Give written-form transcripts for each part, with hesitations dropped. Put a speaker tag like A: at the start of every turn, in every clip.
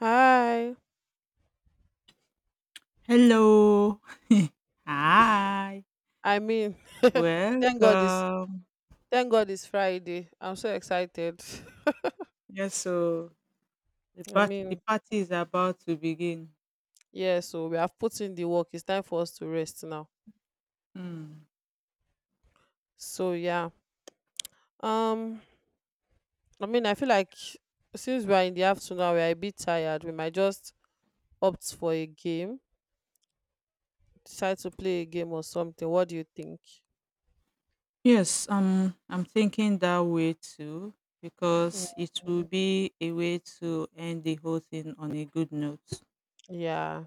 A: Hi.
B: Hello. Hi.
A: I mean, thank God it's
B: Welcome.
A: thank God it's Friday. I'm so excited.
B: Yes, so the
A: I
B: party, the
A: mean,
B: party is about to begin.
A: yeah, so we have put in the work. It's time for us to rest now.
B: Hmm.
A: So yeah. Um I mean I feel like since we are in the afternoon we are a bit tired. We might just opt for a game, decide to play a game or something. What do you think?
B: Yes, I'm thinking that way too
A: Mm,
B: because it will be a way to end the whole thing on a good note.
A: yeah.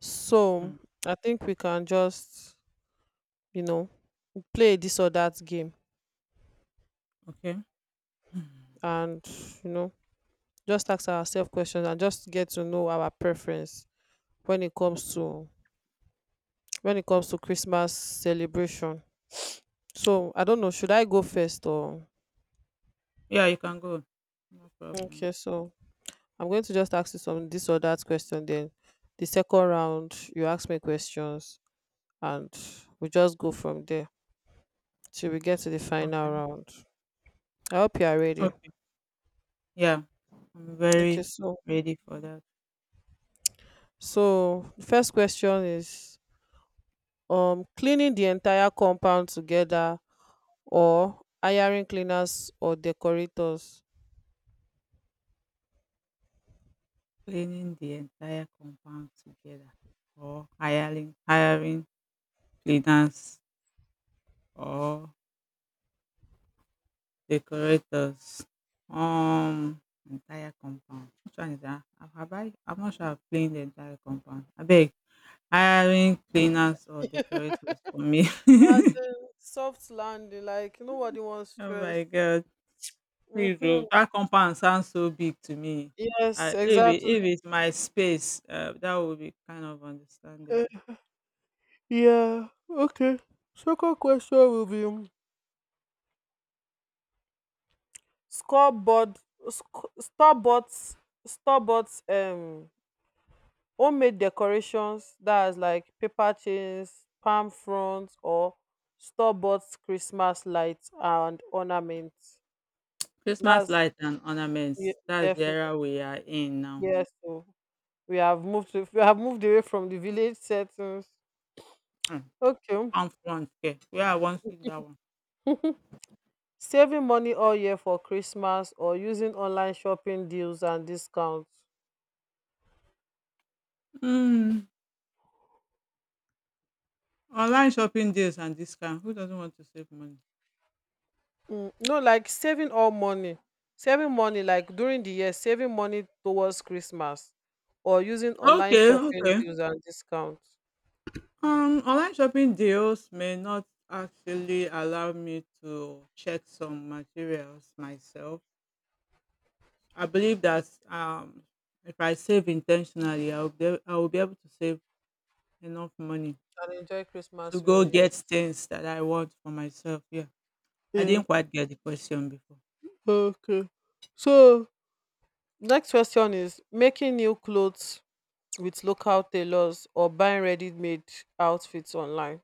A: So
B: Hmm.
A: I think we can just, you know, play this or that game
B: Okay. Hmm.
A: and you know just ask ourselves questions and just get to know our preference when it comes to christmas celebration. So I don't know, should I go first or
B: Yeah, you can go. No problem.
A: okay, so I'm going to just ask you some this or that question, then the second round you ask me questions and we just go from there till we get to the final
B: Okay.
A: round. I hope you are ready.
B: Okay. Yeah, I'm
A: Okay
B: very
A: so
B: ready for that.
A: the first question is cleaning the entire compound together or hiring cleaners or decorators.
B: Cleaning the entire compound together or hiring cleaners or decorators. um Entire compound. Which one is dat? Have I I'm not sure I've cleaned the entire compound. I beg, hiring cleaners or decorators for me.
A: As in soft landing, like nobody wants
B: Oh my
A: stress.
B: god. Please
A: Mm-hmm.
B: oh dat compound sounds so big to me. I
A: Yes,
B: if it
A: exactly.
B: if it's my space, dat would be kind of understandable.
A: Uh, yeah, okay. Second question will be scoreboard, starboards, starboards, homemade decorations that is like paper chains, palm fronds, or starboards Christmas lights and ornaments.
B: Christmas
A: That's
B: lights and
A: ye-
B: ornaments. That's the
A: definitely
B: era we are in now.
A: yes. So we have moved away from the village settings.
B: um
A: Okay.
B: Palm front. Okay, where I wan see that one.
A: Saving money all year for Christmas or using online shopping deals and discounts.
B: um Online shopping deals and discount. Who doesn't want to save money?
A: Mm, no, like saving all money. Saving money like during the year, saving money towards Christmas or using online
B: Okay,
A: shopping
B: okay.
A: deals and discounts.
B: Online shopping deals may not actually allow me to check some materials myself. I believe that, if I save intentionally, I will be able to save enough money
A: And enjoy
B: to
A: Christmas well,
B: go
A: yes.
B: get things that I want for myself. Yeah, I
A: Yeah.
B: didn't quite get the question before.
A: Okay. So next question is making new clothes with local tailors or buying ready-made outfits online.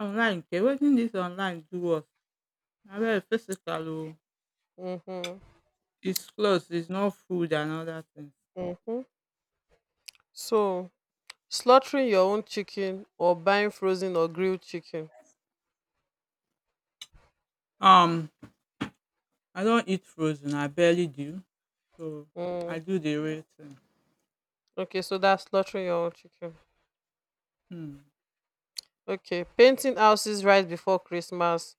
B: Online, okay, waiting this online do us. I mean, physical, oh,
A: Mhm.
B: it's clothes, it's not food and other things.
A: Mhm. So, slaughtering your own chicken or buying frozen or grilled chicken.
B: Um, I don't eat frozen. I barely do. So I
A: Mm.
B: do the real thing.
A: Okay, so that's slaughtering your own chicken.
B: Hmm.
A: Okay, painting houses right before Christmas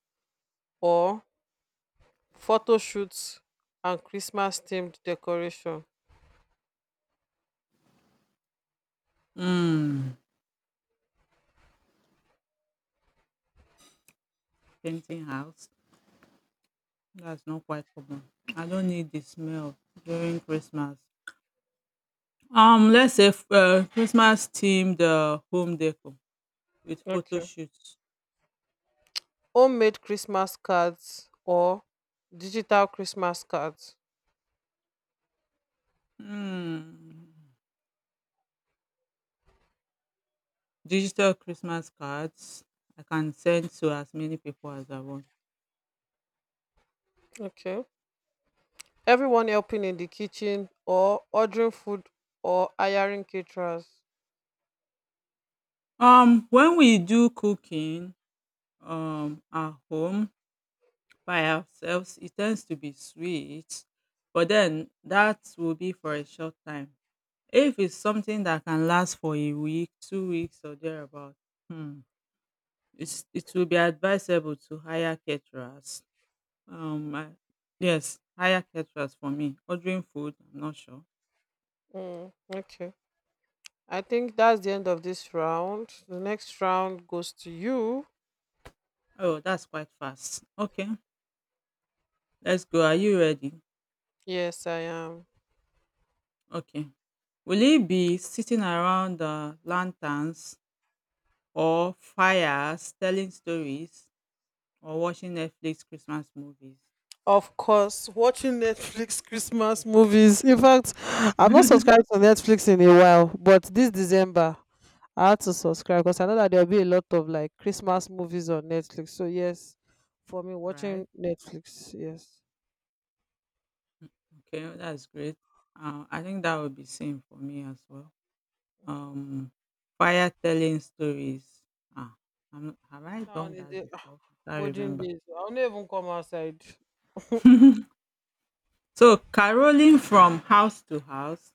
A: or photo shoots and Christmas themed decoration.
B: Mm. Painting house. That's not quite common. I don't need the smell during Christmas. Let's say Christmas themed, home decor with photo
A: Okay.
B: shoots.
A: Homemade Christmas cards or digital Christmas cards.
B: Hmm. Digital Christmas cards. I can send to as many people as I want.
A: Okay. Everyone helping in the kitchen or ordering food or hiring caterers.
B: When we do cooking, at home, by ourselves, it tends to be sweet, but then that will be for a short time. If it's something that can last for a week, 2 weeks, or thereabout, hmm, it will be advisable to hire caterers. Um, I- yes, hire caterers for me. Ordering food, I'm not sure.
A: Mm, okay. I think that's the end of this round. The next round goes to you.
B: Oh, that's quite fast. Okay, let's go. Are you ready?
A: Yes, I am.
B: Okay. Will it be sitting around the lanterns or fires telling stories or watching Netflix Christmas movies?
A: Of course, watching Netflix Christmas movies. In fact, I'm not subscribed to Netflix in a while, but this December I had to subscribe because I know that there'll be a lot of like Christmas movies on Netflix. So yes, for me watching
B: Right?
A: Netflix, yes.
B: Okay, that's great. I think that would be same for me as well. Um, fire telling stories. Ah, have I
A: Now in
B: done that
A: the
B: before? I can't
A: olden
B: remember.
A: days, I'll not even come outside.
B: So caroling from house to house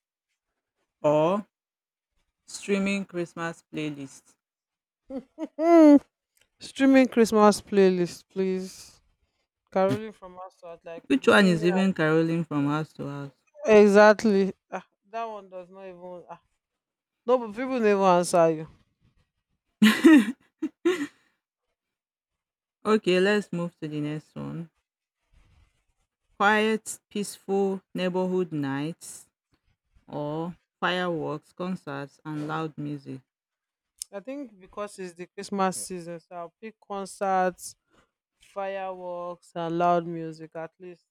B: or streaming Christmas playlist.
A: Mm, streaming Christmas playlist, please. Caroling from house to house, like we'll
B: Which
A: be
B: one
A: singing.
B: is
A: And-
B: even caroling from house to
A: Exactly. Ah, that one does not even. Ah, no, but people never answer you.
B: house? Okay, let's move to the next one. Quiet, peaceful neighborhood nights or fireworks, concerts and loud music.
A: I think because it's the Christmas season, so I'll pick concerts, fireworks, and loud music at least.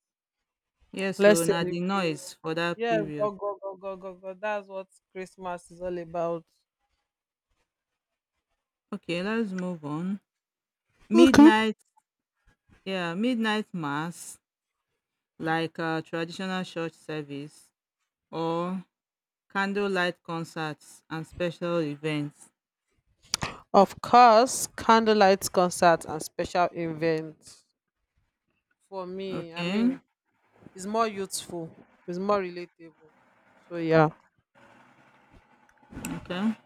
B: Yes,
A: Let's
B: so na the
A: celebrate.
B: noise for that
A: Yes,
B: period.
A: go, go, go, go, go, go. That's what Christmas is all about.
B: Okay, let's move on.
A: Okay.
B: Midnight, yeah, midnight mass like, traditional church service, or candlelight concerts and special events.
A: Of course, candlelight concerts and special events. For me, I
B: Okay,
A: mean, it's more youthful, it's more relatable. So, yeah.
B: okay.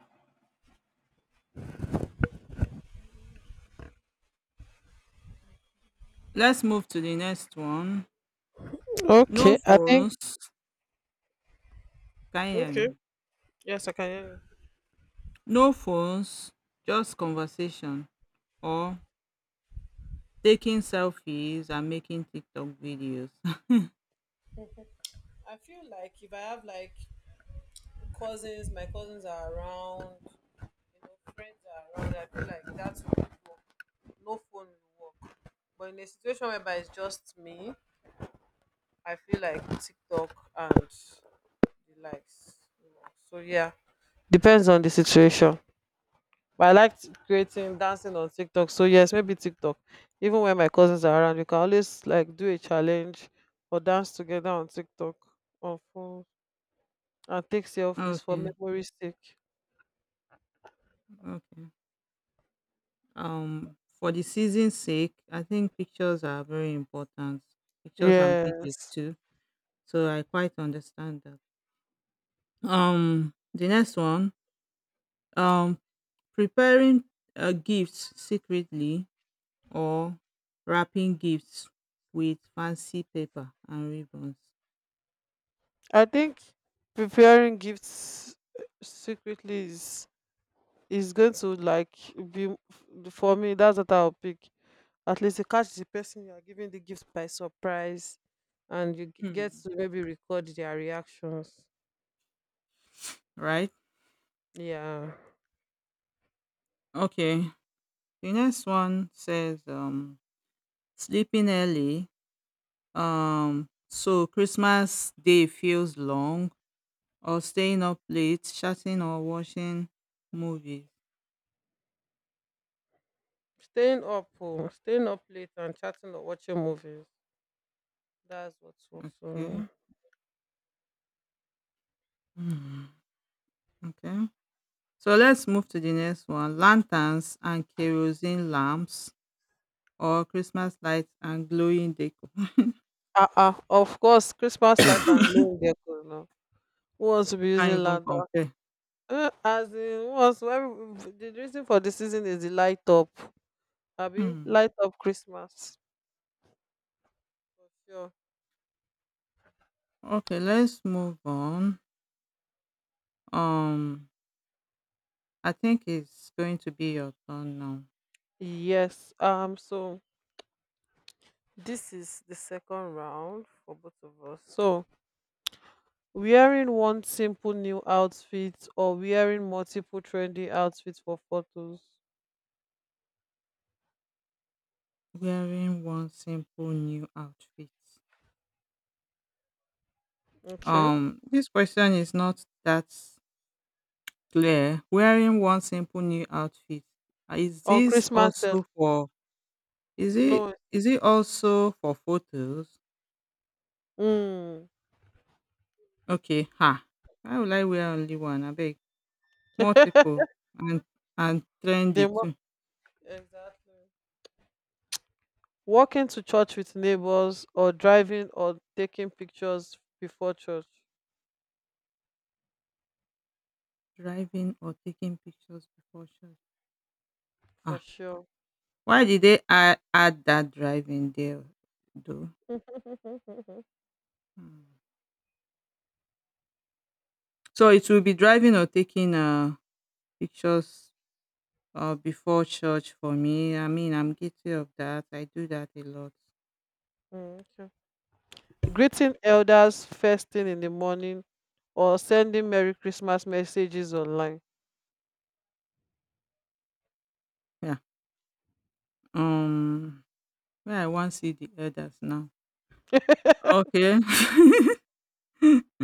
B: Let's move to the next one. No
A: Okay, I think
B: phones. Can you hear
A: okay.
B: me?
A: Yes, I can hear you.
B: No phones, just conversation or taking selfies and making TikTok videos.
A: I feel like if I have like cousins, my cousins are around, you know, friends are around, I feel like that will work. No phone will work. But in a situation whereby it's just me, I feel like TikTok and the likes. You know. So yeah. Depends on the situation. But I like creating dancing on TikTok. So yes, maybe TikTok. Even when my cousins are around, we can always like do a challenge or dance together on TikTok on phone. And take selfies for
B: Okay,
A: memory's sake.
B: okay. For the season's sake, I think pictures are very important. Pictures and videos
A: Yes,
B: too. So I quite understand that. The next one. Um, preparing, gifts secretly, or wrapping gifts with fancy paper and ribbons.
A: I think preparing gifts secretly is going to like be for me. That's what I'll pick. At least you catch the person you are giving the gift by surprise, and you get
B: Hmm.
A: to maybe record their reactions.
B: Right.
A: Yeah,
B: Okay. The next one says, sleeping early, um, so Christmas Day feels long, or staying up late, chatting or watching movies.
A: staying up late and chatting or watching movies. That's what works for me.
B: Okay. Mhm. Okay. So let's move to the next one: lanterns and kerosene lamps, or Christmas lights and glowing decor.
A: Ah, ah, of course, Christmas light and glow in there, 'cause, no. Who wants to be
B: Can't
A: using
B: even
A: lamp?
B: compare.
A: As in once where the reason for the season is the light up abi
B: Hmm.
A: light up christmas for sure.
B: Okay, let's move on. Um, I think it's going to be your turn now.
A: Yes, so this is the second round for both of us, so wearing one simple new outfit or wearing multiple trendy outfits for photos.
B: Wearing one simple new outfit.
A: Okay,
B: This question is not that clear. Wearing one simple new outfit. Is
A: on
B: this
A: christmas sef.
B: also for, is it,
A: No.
B: is it also for photos?
A: Mm.
B: Okay, ha. Why would I wear only one? I beg. Multiple, and
A: the
B: trendy
A: mo-
B: too.
A: exactly. Walking to church with neighbors or driving or taking pictures before church
B: Driving or taking pictures before shots.
A: for
B: Ah.
A: sure.
B: Why did they add that driving there though? Hmm. So it will be driving or taking, pictures, before church for me. I mean, I'm guilty of that. I do that a lot.
A: Mm, okay. Greeting elders first thing in the morning or sending Merry Christmas messages online.
B: Yeah. Um. Well, I want to see the elders now. Okay.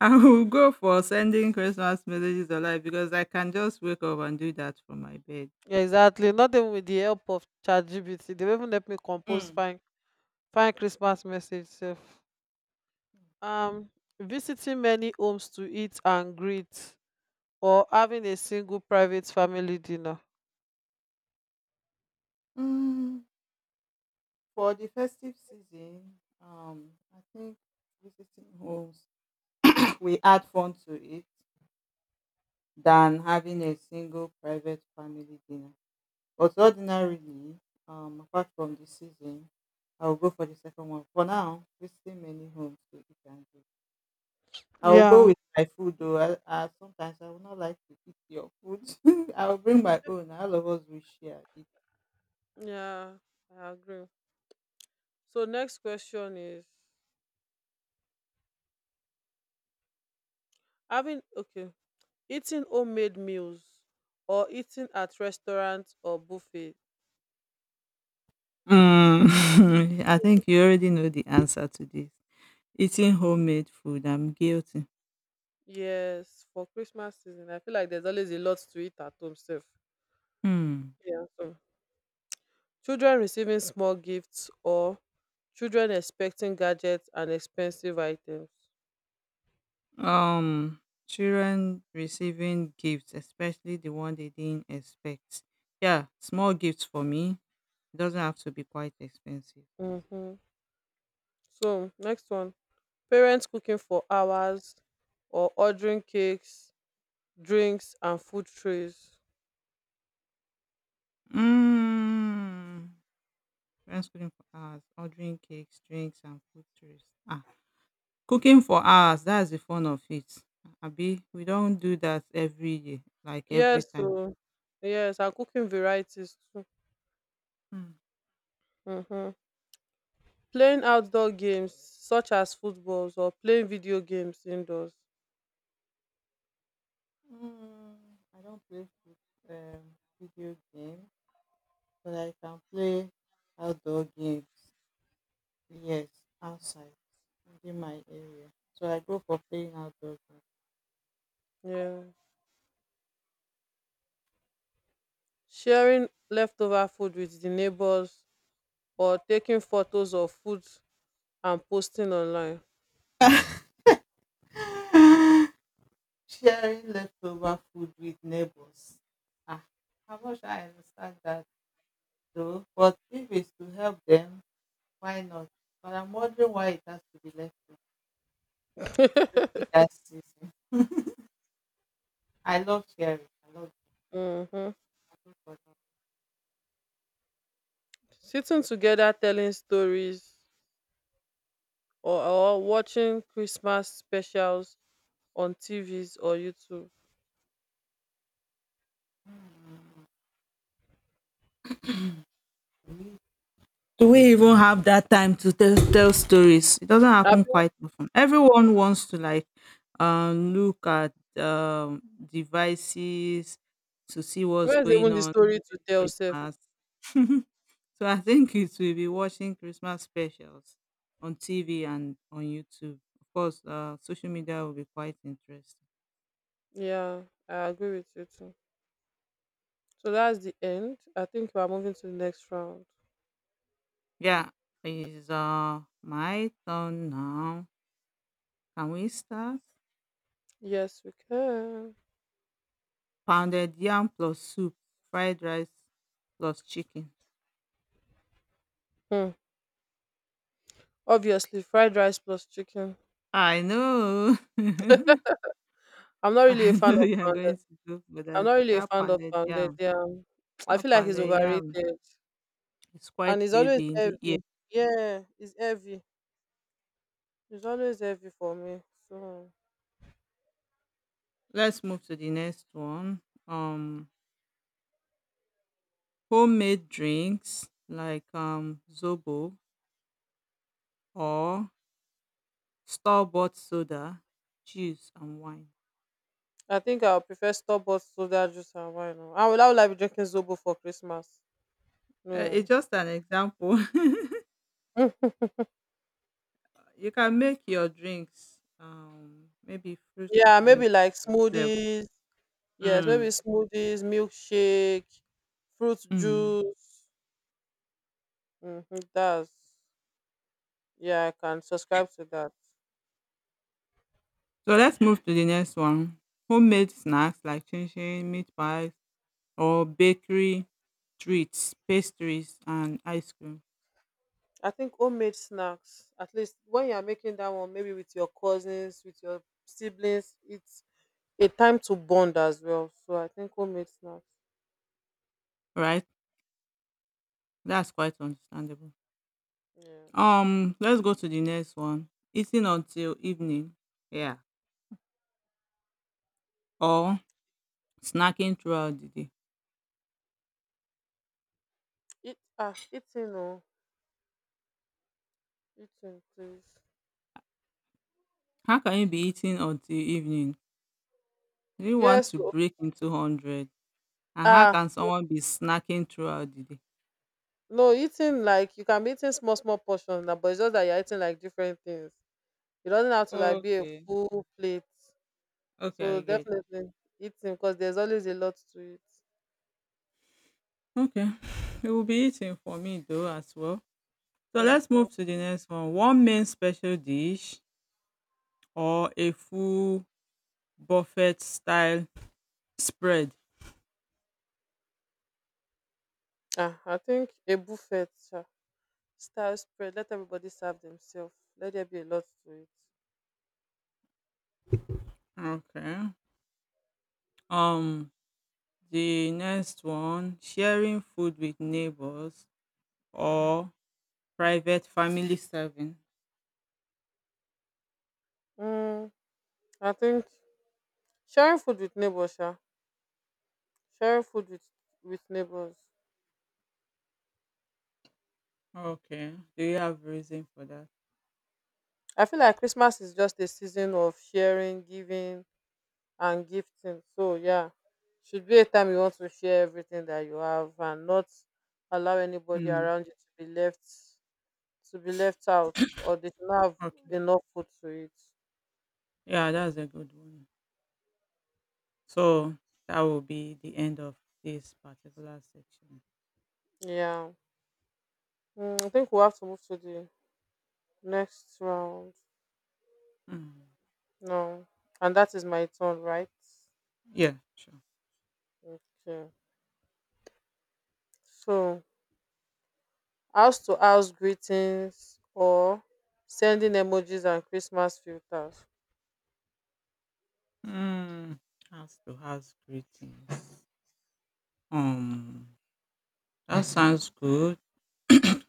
B: I will go for sending Christmas messages alive because I can just wake up and do that from my bed.
A: Exactly. Not even with the help of ChatGPT. They even help me compose
B: Mm.
A: fine Christmas message. Sef. Um, visiting many homes to eat and greet or having a single private family dinner?
B: Mm, for the festive season, I think visiting homes we add fun to it than having a single private family dinner. But ordinarily, apart from the season, I will go for the second one. For now, visiting many homes to eat and do. I will go
A: Yeah.
B: with my food though. I Sometimes I would not like to eat your food. I will bring my own, and all of us will share it.
A: Yeah, I agree. So next question is having okay, eating homemade meals or eating at restaurants or buffets.
B: Mm, I think you already know the answer to this. Eating homemade food, I'm guilty.
A: Yes, for Christmas season, I feel like there's always a lot to eat at home self.
B: Hmm.
A: Yeah. So children receiving small gifts or children expecting gadgets and expensive items.
B: Um, children receiving gifts, especially the one they didn't expect. Yeah, small gifts for me. It doesn't have to be quite expensive.
A: Mm-hmm. So next one. Parents cooking for hours or ordering cakes, drinks and food trays.
B: Mm. Friends cooking for hours, ordering cakes, drinks, and food tourists. Ah, cooking for hours, that's the fun of it. Abi, we don't do that every year, like every
A: Yes,
B: time.
A: so yes, and cooking varieties too.
B: Hmm.
A: Mm-hmm. Playing outdoor games such as footballs or playing video games indoors.
B: Mm, I don't play food, video games, but I can play outdoor games. Yes, outside within my area. So I go for playing outdoor
A: Yeah. Sharing leftover food with the neighbors or taking photos of food and posting online.
B: games. Sharing leftover food with neighbors. Ah, how much I understand that though, but if it's to help them, why not? But I'm wondering why it has to be left, especially that season. I love sharing. I love
A: Hmm.
B: people.
A: Sitting together telling stories or watching Christmas specials on TVs or YouTube.
B: Do we even have that time to tell stories? It doesn't happen
A: Happy-
B: quite often. Everyone wants to like, look at, devices to see what's
A: Where's even
B: going
A: the
B: on
A: story to
B: during
A: tell self?
B: Christmas. So I think it will be watching Christmas specials on TV and on YouTube. Of course, social media will be quite interesting.
A: Yeah, I agree with you too. So that's the end. I think we are moving to the next round.
B: Yeah, it's, my turn now. Can we start?
A: Yes, we can.
B: Pounded yam plus soup, fried rice plus chicken.
A: Hmm. Obviously, fried rice plus chicken.
B: I know.
A: I'm not really a
B: I
A: fan
B: know
A: of
B: you are
A: pounded.
B: going to go for
A: I'm
B: that.
A: not really a
B: That
A: fan of
B: pounded
A: pounded.
B: yam.
A: Yeah, I
B: That
A: feel like it's
B: pounded yam
A: overrated,
B: is
A: and
B: quite
A: it's always
B: heavy in the ear.
A: heavy. Yeah, it's heavy. It's always heavy for me. So
B: Let's move to the next one. Um, Homemade drinks like, zobo, or store bought soda, juice, and wine.
A: I think I'll prefer store-bought soda juice and wine. Oh. I will. I will like be drinking zobo for Christmas.
B: It's
A: No.
B: just an example. You can make your drinks, maybe fruit
A: Yeah, maybe
B: drinks
A: like
B: yourself.
A: smoothies. Yes, maybe
B: Mm.
A: smoothies, milkshake, fruit
B: Mm.
A: juice. Mm-hmm, that's yeah. I can subscribe to that.
B: So let's move to the next one. Homemade snacks like chin chin, meat pies, or bakery treats, pastries, and ice cream.
A: I think homemade snacks, at least when you are making that one, maybe with your cousins, with your siblings, it's a time to bond as well. So I think homemade snacks.
B: Right? That's quite understandable.
A: Yeah.
B: Let's go to the next one. Eating until evening. Yeah. Or snacking throughout the day.
A: Eating eating please.
B: How can you be eating until evening? Do you want
A: Yes.
B: to
A: Oh,
B: break into hundred? And how
A: ah,
B: can someone be snacking throughout the day?
A: no, eating like you can be eating small small portions now, but it's just that you're eating like different things. It doesn't have to like be a
B: Okay.
A: full plate.
B: Okay,
A: So
B: I get.
A: definitely eating because there's always a lot to it.
B: Okay. It will be eating for me though as well. So let's
A: Mm-hmm.
B: move to the next one. One main special dish or a full buffet style spread.
A: Ah, I think a buffet. Style spread. Let everybody serve themselves. Let there be a lot to it.
B: Okay. Um, the next one, sharing food with neighbors or private family serving.
A: Mm, I think sharing food with neighbors, yeah. sharing food with neighbors.
B: Okay. Do you have reason for that?
A: I feel like Christmas is just a season of sharing, giving, and gifting. So yeah, should be a time you want to share everything that you have and not allow anybody
B: Mm,
A: around you to be left out or they do not have
B: okay.
A: enough food to eat.
B: Yeah, that's a good one. So that will be the end of this particular section.
A: Yeah, mm, I think we have to move to the next round.
B: Mm,
A: No. And that is my turn, right?
B: yeah, sure.
A: Okay. So, house to house greetings or sending emojis and Christmas filters.
B: Mm, house to house greetings. Um, that sounds good.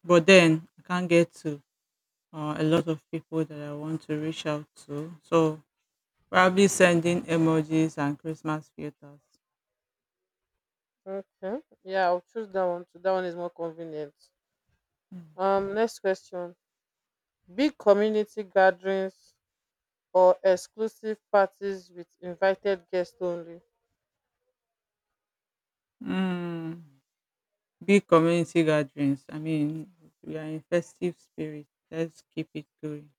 B: But then I can't get to, a lot of people that I want to reach out to. So probably sending emojis and Christmas filters.
A: Okay. Yeah, I'll choose that one too. That one is more convenient. Next question. Big community gatherings or exclusive parties with invited guests only.
B: Mm. Big community gatherings. I mean, we are in festive spirit. Let's keep it going.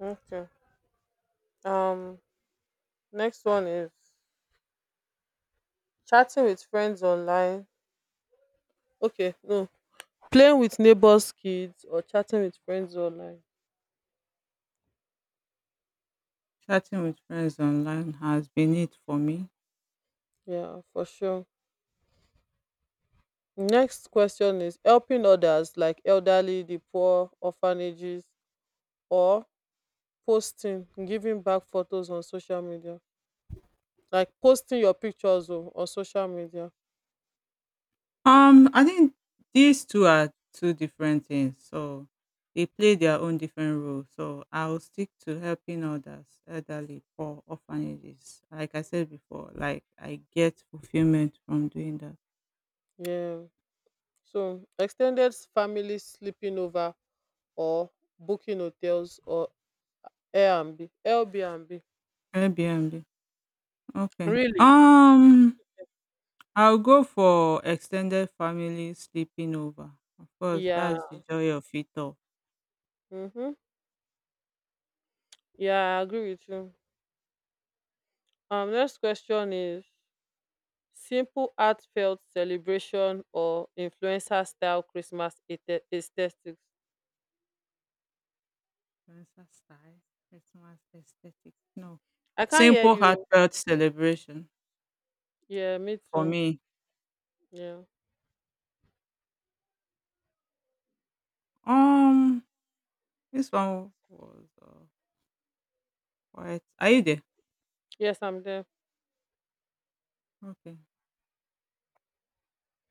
A: Okay. Um, next one is chatting with friends online. Okay, no. Playing with neighbors' kids or chatting with friends online.
B: Chatting with friends online has been it for me.
A: Yeah, for sure. Next question is helping others like elderly, the poor, orphanages, or posting, giving back photos on social media. Like posting your pictures o on social media.
B: I think these two are two different things. So they play their own different role. So I'll stick to helping others, elderly, poor, orphanages. Like I said before, like I get fulfillment from doing that.
A: Yeah. So extended family sleeping over or booking hotels or Airbnb. Airbnb.
B: Airbnb. Okay.
A: Really?
B: I'll go for extended family sleeping over. Of course,
A: Yeah.
B: that's the joy of it all.
A: Mm-hmm. Yeah, I agree with you. Next question is simple heartfelt celebration or influencer style Christmas aesthetics.
B: Dancer style, Christmas aesthetic. No,
A: I can't hear
B: simple
A: you.
B: heartfelt celebration
A: Yeah, me
B: for
A: too.
B: me.
A: Yeah.
B: Um, this one was, quiet. Are you there?
A: Yes, I'm there.
B: Okay.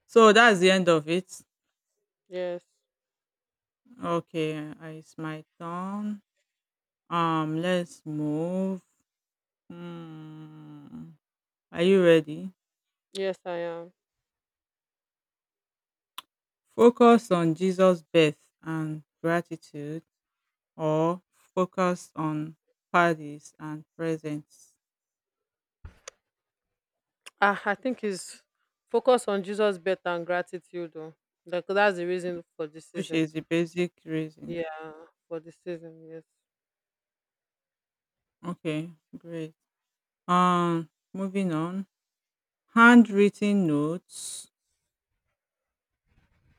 B: So that's the end of it.
A: Yes.
B: Okay, it's my turn. Let's move. Hmm. Are you ready?
A: Yes, I am.
B: Focus on Jesus' birth and gratitude or focus on parties and presents,
A: Ah, I think it's focus on Jesus' birth and gratitude. Oh. Like, that's the reason for the
B: which
A: season.
B: is the basic reason.
A: Yeah, for the season, yes.
B: Okay, great. Moving on. Handwritten notes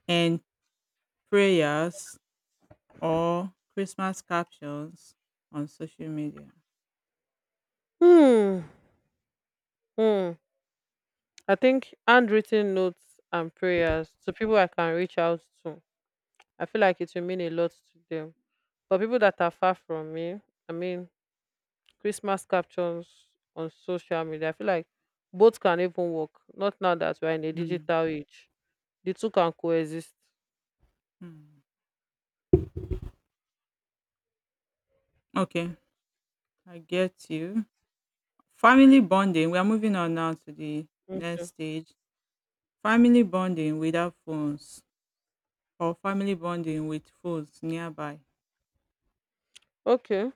B: and prayers or Christmas captions on social media.
A: Hmm. Hmm. I think handwritten notes and prayers to people I can reach out to. I feel like it will mean a lot to them. For people that are far from me, I mean, Christmas captions on social media, I feel like both can even work. Not now that we're in a
B: Mm,
A: digital age, the two can coexist.
B: mm. Okay, I get you. Family bonding. We are moving on now to the next
A: Okay.
B: stage. Family bonding without phones or family bonding with phones nearby.
A: Okay.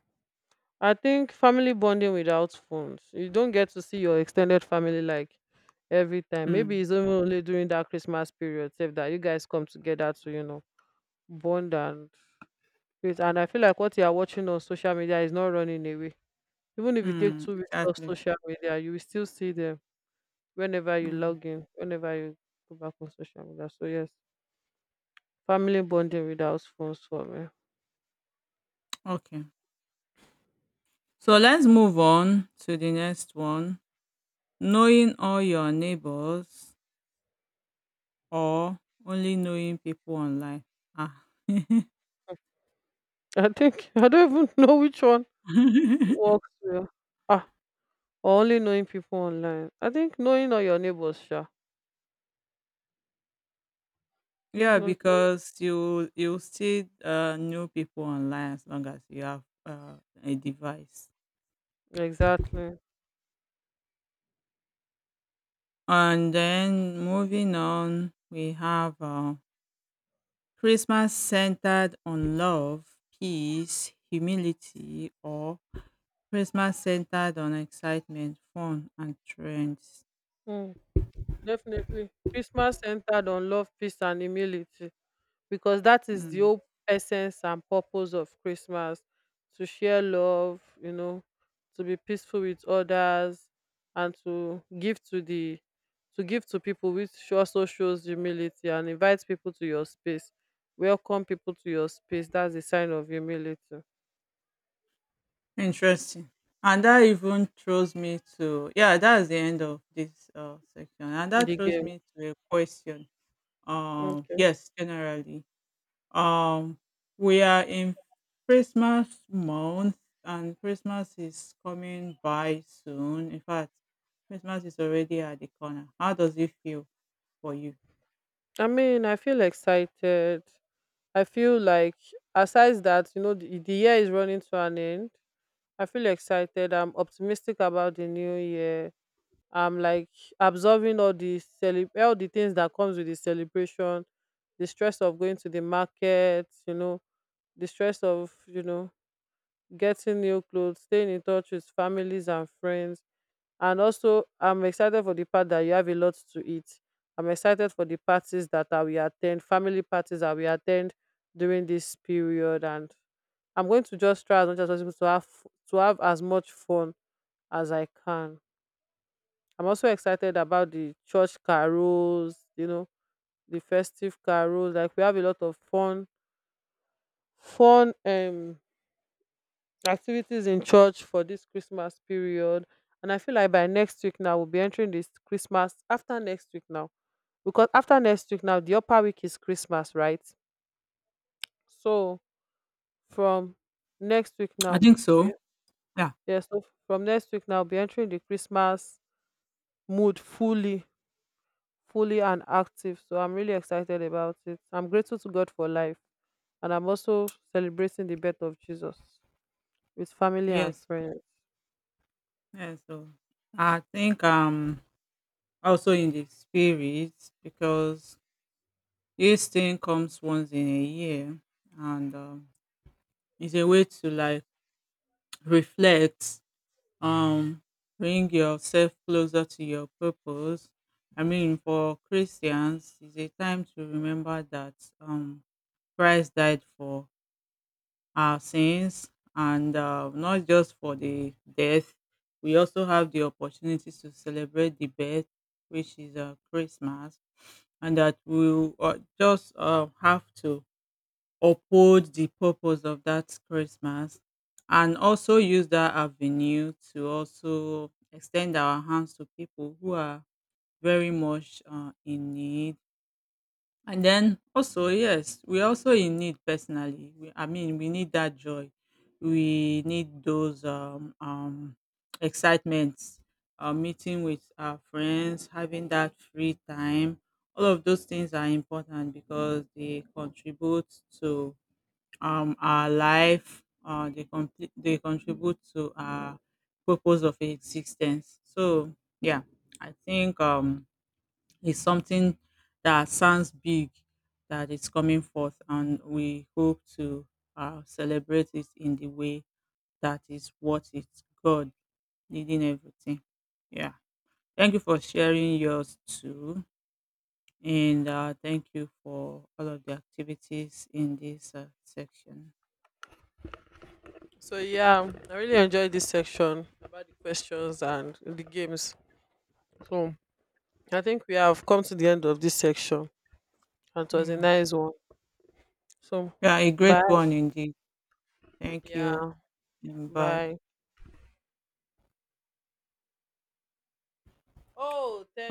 A: I think family bonding without phones. You don't get to see your extended family like every time. Maybe
B: Hmm.
A: it's even only during that Christmas period, save that you guys come together to, you know, bond and create. And I feel like what you are watching on social media is not running away. Even if you take
B: Mm,
A: 2 weeks off
B: exactly.
A: social media, you will still see them. Whenever you
B: Hmm.
A: log in, whenever you go back on social media. So yes, family bonding without phones for me.
B: Okay. So let's move on to the next one. Knowing all your neighbors or only knowing people online. Ah.
A: I think I don't even know which one works well. Ah, only knowing people online. I think knowing all your neighbors, sure. I think
B: Yeah,
A: no. know-
B: because you still, know people online as long as you have, a device.
A: exactly.
B: And then moving on, we have, Christmas centered on love, peace, humility, or Christmas centered on excitement, fun, and trends.
A: Mm, definitely. Christmas centered on love, peace, and humility. Because that is the
B: Mm.
A: whole essence and purpose of Christmas to share love, you know, to be peaceful with others and to give to the to give to people which also shows humility and invite people to your space. Welcome people to your space. That's a sign of humility.
B: Interesting. And that even throws me to, yeah, that's the end of this, section. And that
A: The
B: throws
A: game.
B: me to a question.
A: Okay.
B: Yes, generally. Um, we are in Christmas month, and Christmas is coming by soon. In fact, Christmas is already at the corner. How does it feel for you?
A: I mean, I feel excited. I feel like aside that, you know, the year is running to an end. I feel excited. I'm optimistic about the new year. I'm like absorbing all the all the things that comes with the celebration, the stress of going to the market, you know, the stress of, you know, getting new clothes, staying in touch with families and friends. And also I'm excited for the part that you have a lot to eat. I'm excited for the parties that I will attend, family parties that we attend during this period. And I'm going to just try as much as possible to have to have as much fun as I can. I'm also excited about the church carols, you know, the festive carols. Like we have a lot of fun, fun um activities in church for this Christmas period. And I feel like by next week now we'll be entering this Christmas after next week now. Because after next week now, the upper week is Christmas, right? So from next week
B: I
A: now
B: think
A: we'll
B: so.
A: be
B: Yeah.
A: yeah, so from next week now we'll be entering the Christmas mood fully and active. So I'm really excited about it. I'm grateful to God for life. And I'm also celebrating the birth of Jesus with family and
B: Yes,
A: friends.
B: yes. So I think, also in the spirit because this thing comes once in a year, and, it's a way to like reflect, um bring yourself closer to your purpose. I mean, for Christians it's a time to remember that, um Christ died for our sins. And, not just for the death, we also have the opportunity to celebrate the birth, which is, Christmas, and that we will, just have to uphold the purpose of that Christmas, and also use that avenue to also extend our hands to people who are very much, in need. And then also, yes, we're also in need personally. I mean, we need that joy. We need those, excitements, meeting with our friends, having that free time. All of those things are important because they contribute to, our life. They contribute to our purpose of existence. So yeah, I think, it's something that sounds big that is coming forth, and we hope to, celebrate it in the way that is what it's God leading everything. Yeah. Thank you for sharing yours too. And, thank you for all of the activities in this, section.
A: So yeah, I really enjoyed this section about the questions and the games. So I think we have come to the end of this section. And it was a
B: Yeah.
A: nice one. So
B: Yeah, a great
A: bye.
B: one indeed. Thank you
A: Yeah,
B: and bye.
A: bye. Oh, thank